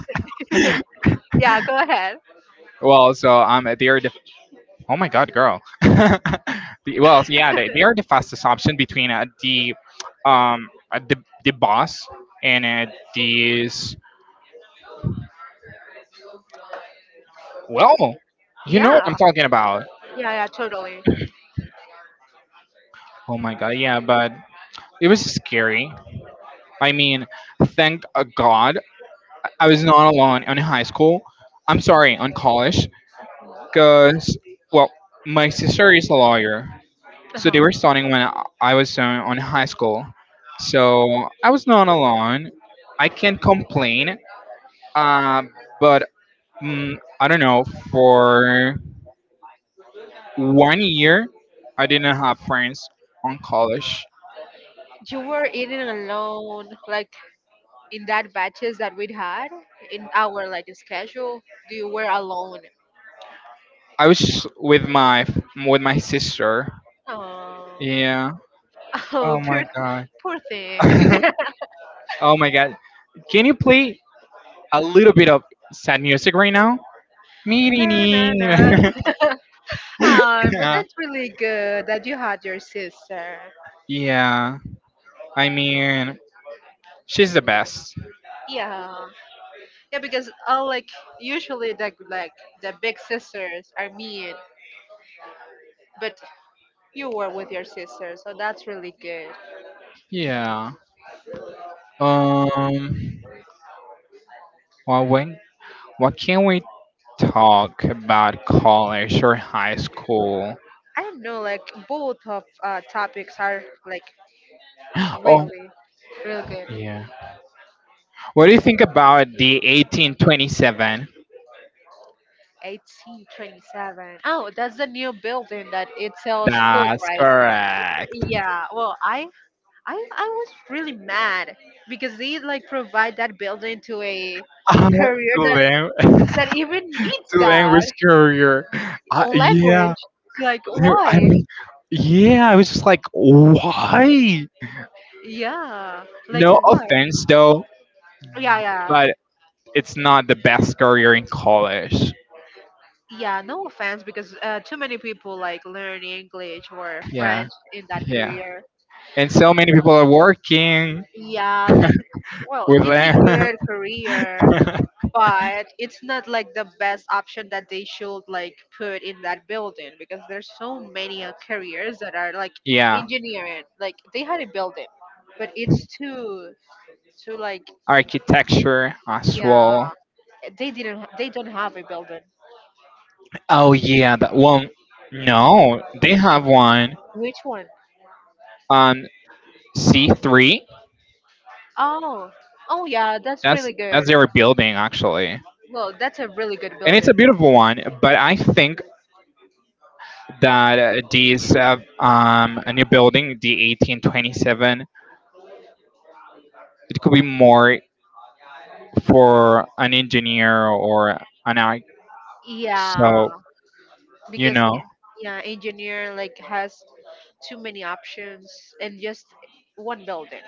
S2: Yeah, go ahead.
S1: Well, so um, they are the. Oh my God, girl. The- well, so, yeah, they, they are the fastest option between uh, the, um, uh, the the boss and uh, these. Well, you know what I'm
S2: Yeah,
S1: talking about.
S2: yeah, yeah, totally.
S1: Oh my God, yeah, but it was scary. I mean, thank uh, God I was not alone in high school. I'm sorry, on college, because well, my sister is a lawyer. So
S2: Uh-huh.
S1: they were starting when I I was uh, on high school. So I was not alone. I can't complain. Uh, but mm, I don't know. For one year, I didn't have friends on college.
S2: You were eating alone, like in that batches that we'd had in our like schedule, you were alone.
S1: I was with my with my sister.
S2: Oh,
S1: Yeah.
S2: oh,
S1: Oh
S2: poor,
S1: my god.
S2: poor thing.
S1: Oh my god. Can you play a little bit of sad music right now?
S2: Ta-na-na. Ah, but
S1: Yeah.
S2: that's really good that you had your sister.
S1: Yeah. I mean, she's the best.
S2: Yeah, yeah, because uh, like usually the like the big sisters are mean, but you were with your sister, so that's really good.
S1: Yeah. Um. Well, when what can we talk about college or high school?
S2: I don't know, like both of uh, topics are like
S1: Oh,
S2: really, really good.
S1: yeah. What do you think about the eighteen twenty-seven?
S2: eighteen twenty-seven. Oh, that's the new building that it sells food,
S1: That's
S2: right?
S1: correct.
S2: Yeah. Well, I I I was really mad because they like provide that building to a
S1: Uh,
S2: career
S1: to
S2: that
S1: lang-
S2: that even needs
S1: to
S2: that,
S1: language career.
S2: a
S1: Uh,
S2: language.
S1: yeah,
S2: Like
S1: I
S2: why?
S1: mean, yeah, I was just like, why?
S2: Yeah. Like
S1: No
S2: why?
S1: offense though,
S2: Yeah, yeah.
S1: but it's not the best career in college.
S2: Yeah, no offense because uh, too many people like learn English or
S1: Yeah,
S2: French in that
S1: yeah.
S2: career.
S1: And so many people are working
S2: Yeah, like well,
S1: with
S2: it's a
S1: them.
S2: good career but it's not like the best option that they should like put in that building, because there's so many uh, careers that are like
S1: Yeah,
S2: engineering, like they had a building but it's too too like,
S1: architecture as
S2: yeah
S1: well.
S2: they didn't ha- they don't have a building.
S1: Oh yeah, that one. No, they have one
S2: Which one?
S1: on C three.
S2: Oh oh yeah, that's
S1: That's
S2: really good.
S1: that's their building actually, and
S2: Well, that's a really good
S1: it's
S2: building.
S1: a beautiful one. But I think that uh, these uh, um a new building, the eighteen twenty seven, it could be more for an engineer or an I. So,
S2: Yeah,
S1: you
S2: because
S1: know.
S2: e- yeah, engineer like has too many options and just one building,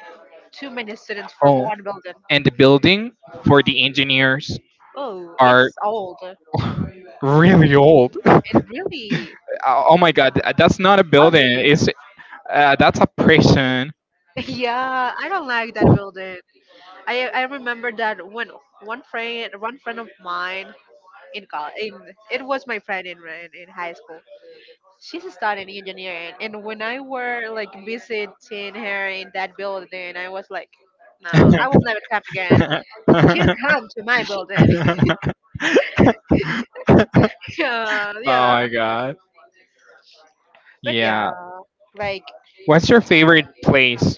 S2: too many students for
S1: Oh,
S2: one building.
S1: and the building for the engineers
S2: Oh,
S1: are
S2: it's old
S1: really old.
S2: and really
S1: Uh, oh my god, th- that's not a building.
S2: ugly.
S1: It's uh, That's a prison.
S2: Yeah, I don't like that building. I i remember that when one friend one friend of mine in college, in it was my friend in in in high school, she's studying engineering, and when I were like visiting her in that building I was like, no, I
S1: Oh
S2: will never come again. You come to my building. Yeah, yeah.
S1: my god.
S2: But
S1: Yeah.
S2: yeah, like
S1: What's your favorite place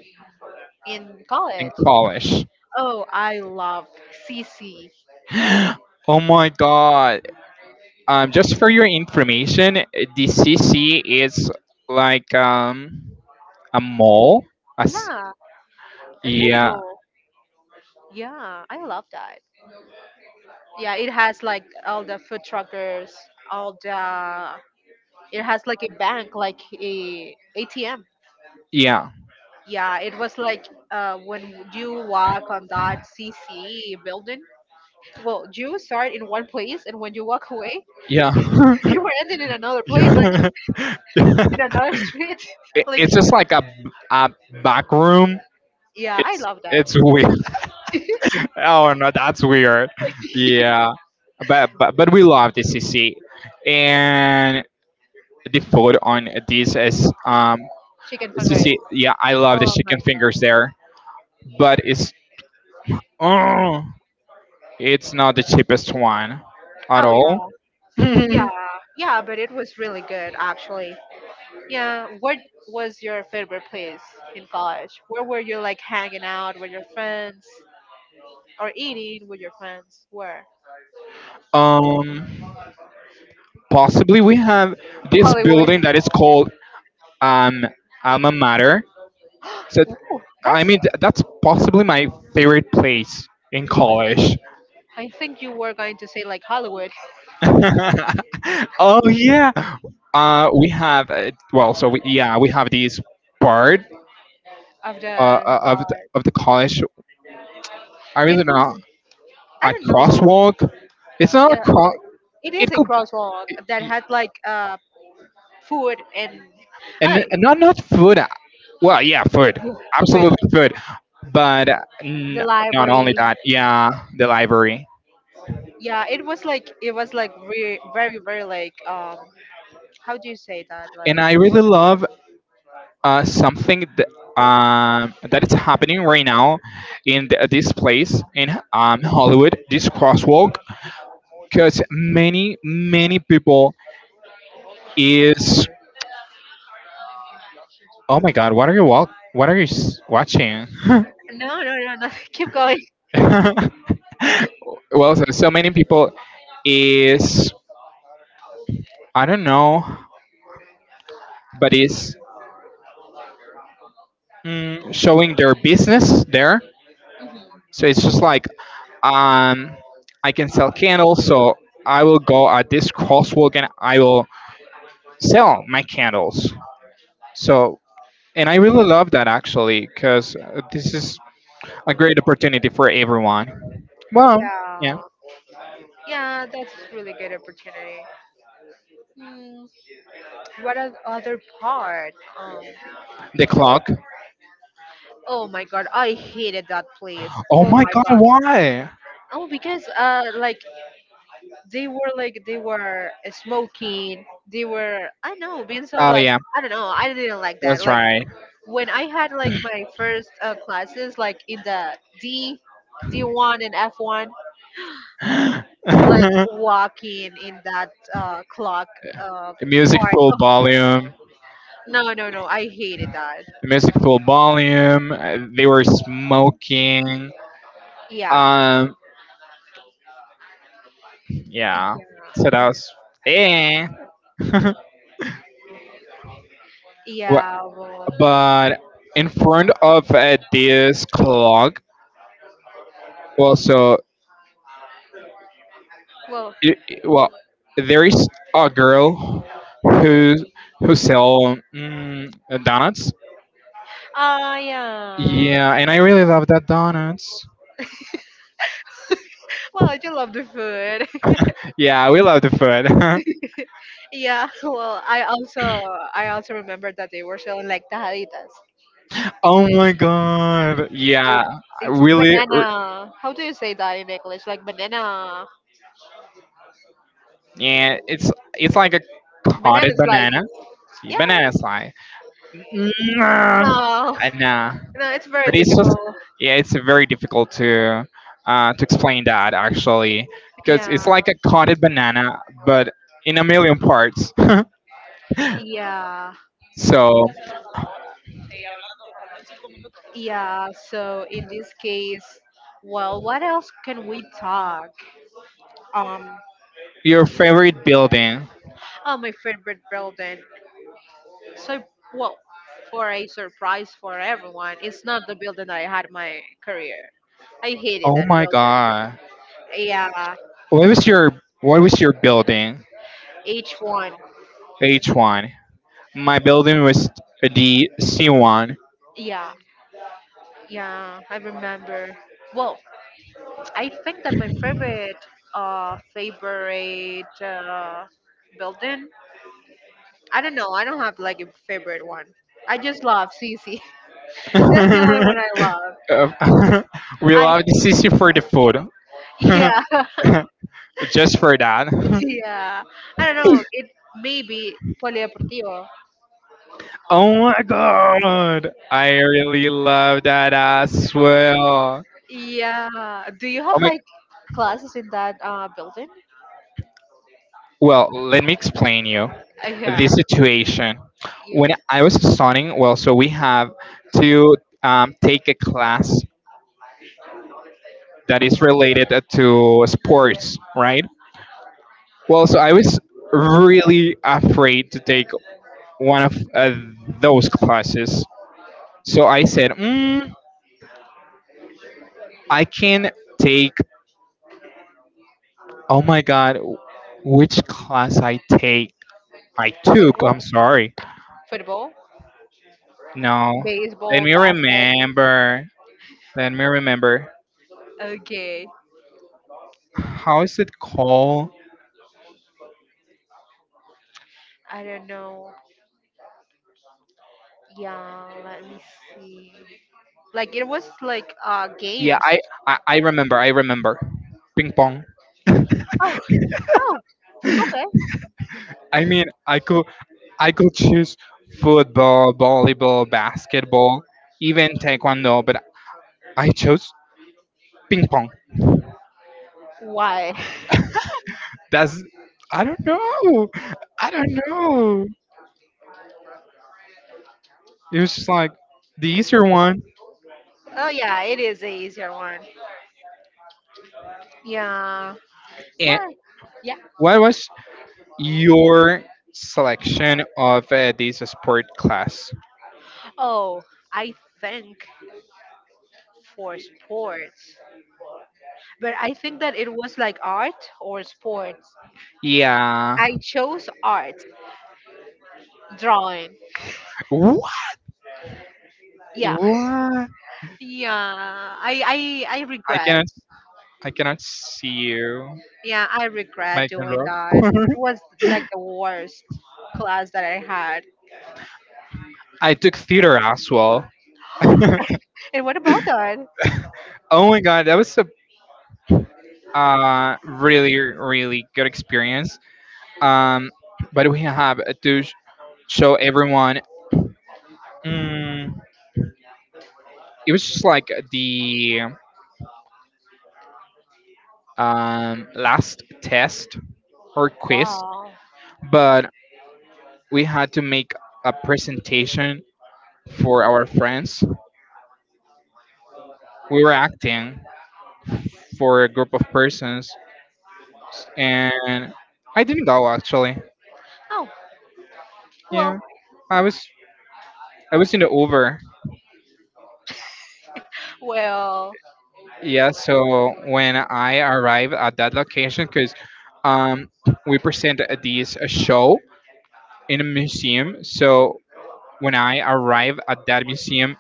S2: in
S1: in
S2: college.
S1: college?
S2: Oh, I love C C.
S1: Oh my god. Um, just for your information, uh, the C C is like um a mall. A s-
S2: Yeah, and many
S1: yeah,
S2: more. Yeah, I love that. Yeah, it has like all the food truckers, all the. It has like a bank, like a ATM.
S1: yeah,
S2: Yeah, it was like uh, when you walk on that C C building. Well, you start in one place, and when you walk away,
S1: yeah.
S2: you were ending in another place. Like
S1: Yeah.
S2: in another street.
S1: It-
S2: Like,
S1: it's just like a, a back room.
S2: yeah, I
S1: It's
S2: love that.
S1: it's weird. Oh no, that's weird. Yeah, but but but we love the C C, and the food on this is um
S2: Chicken fingers.
S1: C C. Yeah, I love the
S2: Oh my
S1: chicken
S2: god.
S1: fingers there, but it's oh. It's not the cheapest one at
S2: Oh yeah,
S1: all.
S2: yeah, yeah. But it was really good, actually. Yeah. What was your favorite place in college? Where were you like hanging out with your friends or eating with your friends? Where?
S1: um, Possibly we have this
S2: Hollywood.
S1: building that is called um, Alma Mater. So,
S2: Ooh,
S1: I
S2: that's.
S1: mean, th- that's possibly my favorite place in college.
S2: I think you were going to say like Hollywood
S1: Oh yeah, uh, we have uh, well, so we, yeah, we have this part
S2: of
S1: uh,
S2: the
S1: uh, of the,
S2: God.
S1: of the college. I really
S2: It
S1: don't
S2: was.
S1: know
S2: I
S1: a
S2: don't know.
S1: crosswalk. It's not a
S2: Yeah,
S1: cross.
S2: it, it
S1: It
S2: is a
S1: could
S2: crosswalk that had like uh, food, and
S1: and,
S2: I
S1: and not not food. uh, Well, yeah, food,
S2: re-
S1: absolutely food, but uh, n-
S2: the
S1: not only
S2: library.
S1: that, yeah, the library.
S2: Yeah, it was like it was like re- very very like, um how do you say that,
S1: And
S2: like.
S1: I really love uh, something that um, that is happening right now in th- this place in um, Hollywood, this crosswalk, because many many people is oh my god, what are you walk? What are you s- watching?
S2: No, no, no, no. Keep going.
S1: well, so, so many people is I don't know but it's mm, showing their business there. So it's just like, um, I can sell candles, so I will go at this crosswalk and I will sell my candles. So, and I really love that actually, because this is a great opportunity for everyone. Well, yeah,
S2: Yeah, yeah, that's really good opportunity. Hmm, what are the other part um
S1: the clock.
S2: oh my god, I hated that place.
S1: Oh
S2: Oh
S1: my
S2: my
S1: god,
S2: god.
S1: why?
S2: Oh because uh like they were like they were smoking, they were I know being so
S1: Oh
S2: like,
S1: yeah,
S2: I don't know, I didn't like that,
S1: that's
S2: like
S1: right.
S2: when I had like my first uh, classes, like in the D, D1 and F one, like walking in that uh, clock uh,
S1: The music
S2: part.
S1: full
S2: Oh,
S1: volume.
S2: no, no, no, I hated that.
S1: The music full volume. uh, They were smoking.
S2: Yeah,
S1: Um, yeah. So
S2: yeah,
S1: that was eh. Wha-
S2: yeah. Well,
S1: but in front of uh, this clock, well, so
S2: well,
S1: i i- well, there is a girl who who sell mm, donuts.
S2: ah, yeah.
S1: Yeah, and I really love that donuts.
S2: Well, I do love the food.
S1: Yeah, we love the food.
S2: Yeah. Well, I also, I also remember that they were selling like tajaditas.
S1: Oh my god. Yeah, I
S2: It's
S1: really. r-
S2: banana. How do you say that in English? Like banana.
S1: Yeah, it's it's like a cotted
S2: Banana
S1: banana.
S2: slices.
S1: See,
S2: Yeah.
S1: banana slice. Nah,
S2: No.
S1: uh, nah.
S2: No, it's very
S1: But it's just,
S2: difficult.
S1: yeah, it's very difficult to uh, to explain that actually, because
S2: Yeah.
S1: it's like a cotted banana, but in a million parts.
S2: Yeah.
S1: So,
S2: Yeah. So in this case, well, what else can we talk? Um,
S1: your favorite building?
S2: oh, my favorite building. So, well, for a surprise for everyone, it's not the building that I had my career. I hated
S1: Oh
S2: that
S1: my
S2: building.
S1: god,
S2: Yeah,
S1: what was your what was your building?
S2: H one.
S1: H one. My building was the C one.
S2: Yeah, yeah, I remember. Well, I think that my favorite uh favorite uh building. I don't know. I don't have like a favorite one. I just love C C. That's the only one I love.
S1: Uh, we
S2: I
S1: love the C C for the food,
S2: yeah
S1: just for that.
S2: yeah. I don't know. It maybe Polideportivo.
S1: Oh my god! I really love that as well.
S2: Yeah. Do you
S1: Oh
S2: have
S1: my,
S2: like classes in that uh building?
S1: well, let me explain you
S2: Uh,
S1: the
S2: yeah,
S1: situation. When
S2: yeah.
S1: I was studying, well, so we have to um, take a class that is related to sports, right? Well, so I was really afraid to take one of uh, those classes. So I said, mm, I can take oh my god, which class I take? I took,
S2: Football,
S1: I'm sorry.
S2: football,
S1: No. Let
S2: baseball,
S1: me
S2: basket.
S1: remember. Let me remember.
S2: Okay.
S1: How is it called?
S2: I don't know. Yeah, let me see. Like it was like uh
S1: Yeah,
S2: games.
S1: I I, I remember, I remember. Ping pong.
S2: Oh, oh, okay.
S1: I mean, I could I could choose football, volleyball, basketball, even taekwondo, but I chose ping pong.
S2: Why?
S1: That's I don't know. I don't know. It was just like the easier one.
S2: Oh yeah, it is a easier one. Yeah.
S1: And
S2: What? Yeah.
S1: what was your selection of uh, this sport class.
S2: Oh, I think for sports. But I think that it was like art or sports.
S1: Yeah.
S2: I chose art, drawing.
S1: What?
S2: Yeah.
S1: What?
S2: Yeah. I I I
S1: I
S2: regret.
S1: cannot. I cannot see you,
S2: Yeah, I regret
S1: Megan
S2: doing
S1: Rock.
S2: that. It was like the worst class that I had.
S1: I took theater as well.
S2: And what about that?
S1: Oh my god, that was a uh, really really good experience. Um, but we have to sh- show everyone. Mm, it was just like the um, last test or quiz,
S2: Wow.
S1: but we had to make a presentation for our friends. We were acting for a group of persons, and I didn't go actually.
S2: Oh,
S1: Yeah,
S2: well,
S1: I was I was in the Uber.
S2: well,
S1: Yeah, so when I arrived at that location, because um, we presented this a show in a museum. So when I arrived at that museum,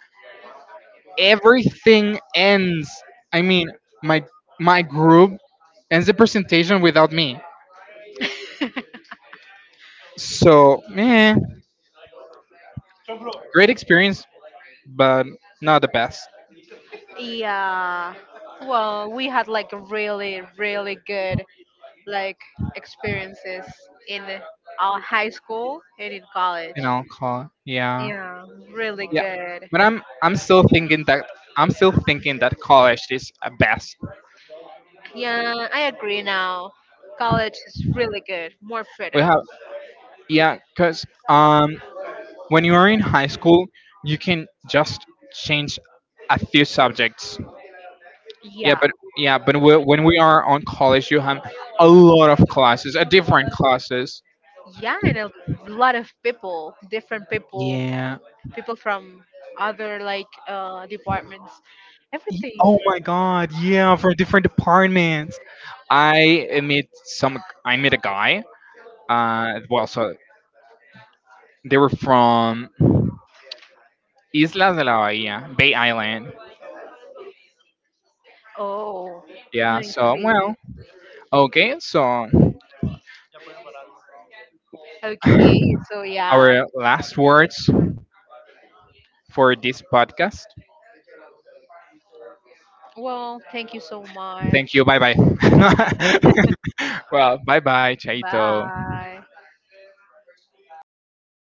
S1: everything ends. I mean, my my group ends the presentation without me. So, eh, great experience, but not the best
S2: yeah. Well, we had like really, really good like experiences in our high school and in college.
S1: in alcohol. Yeah,
S2: Yeah, really
S1: yeah.
S2: good.
S1: But I'm I'm still thinking that I'm still thinking that college is a best.
S2: Yeah, I agree now. College is really good. More
S1: We
S2: freedom.
S1: have yeah, cause um when you are in high school, you can just change a few subjects. Yeah,
S2: Yeah.
S1: but yeah, but we, when we are on college, you have a lot of classes, a different classes.
S2: Yeah, and a lot of people, different people,
S1: Yeah,
S2: people from other like uh departments.
S1: Y-
S2: Everything.
S1: oh my god, yeah, for different departments. I met some I met a guy. Uh well so they were from Islas de la Bahia, Bay Island.
S2: Oh,
S1: Yeah,
S2: I
S1: so
S2: see.
S1: well, okay, so
S2: Okay, so yeah.
S1: our last words for this podcast.
S2: Well, thank you so
S1: Thank
S2: much.
S1: you. Bye bye. Well, bye bye, Chaito.
S2: Bye.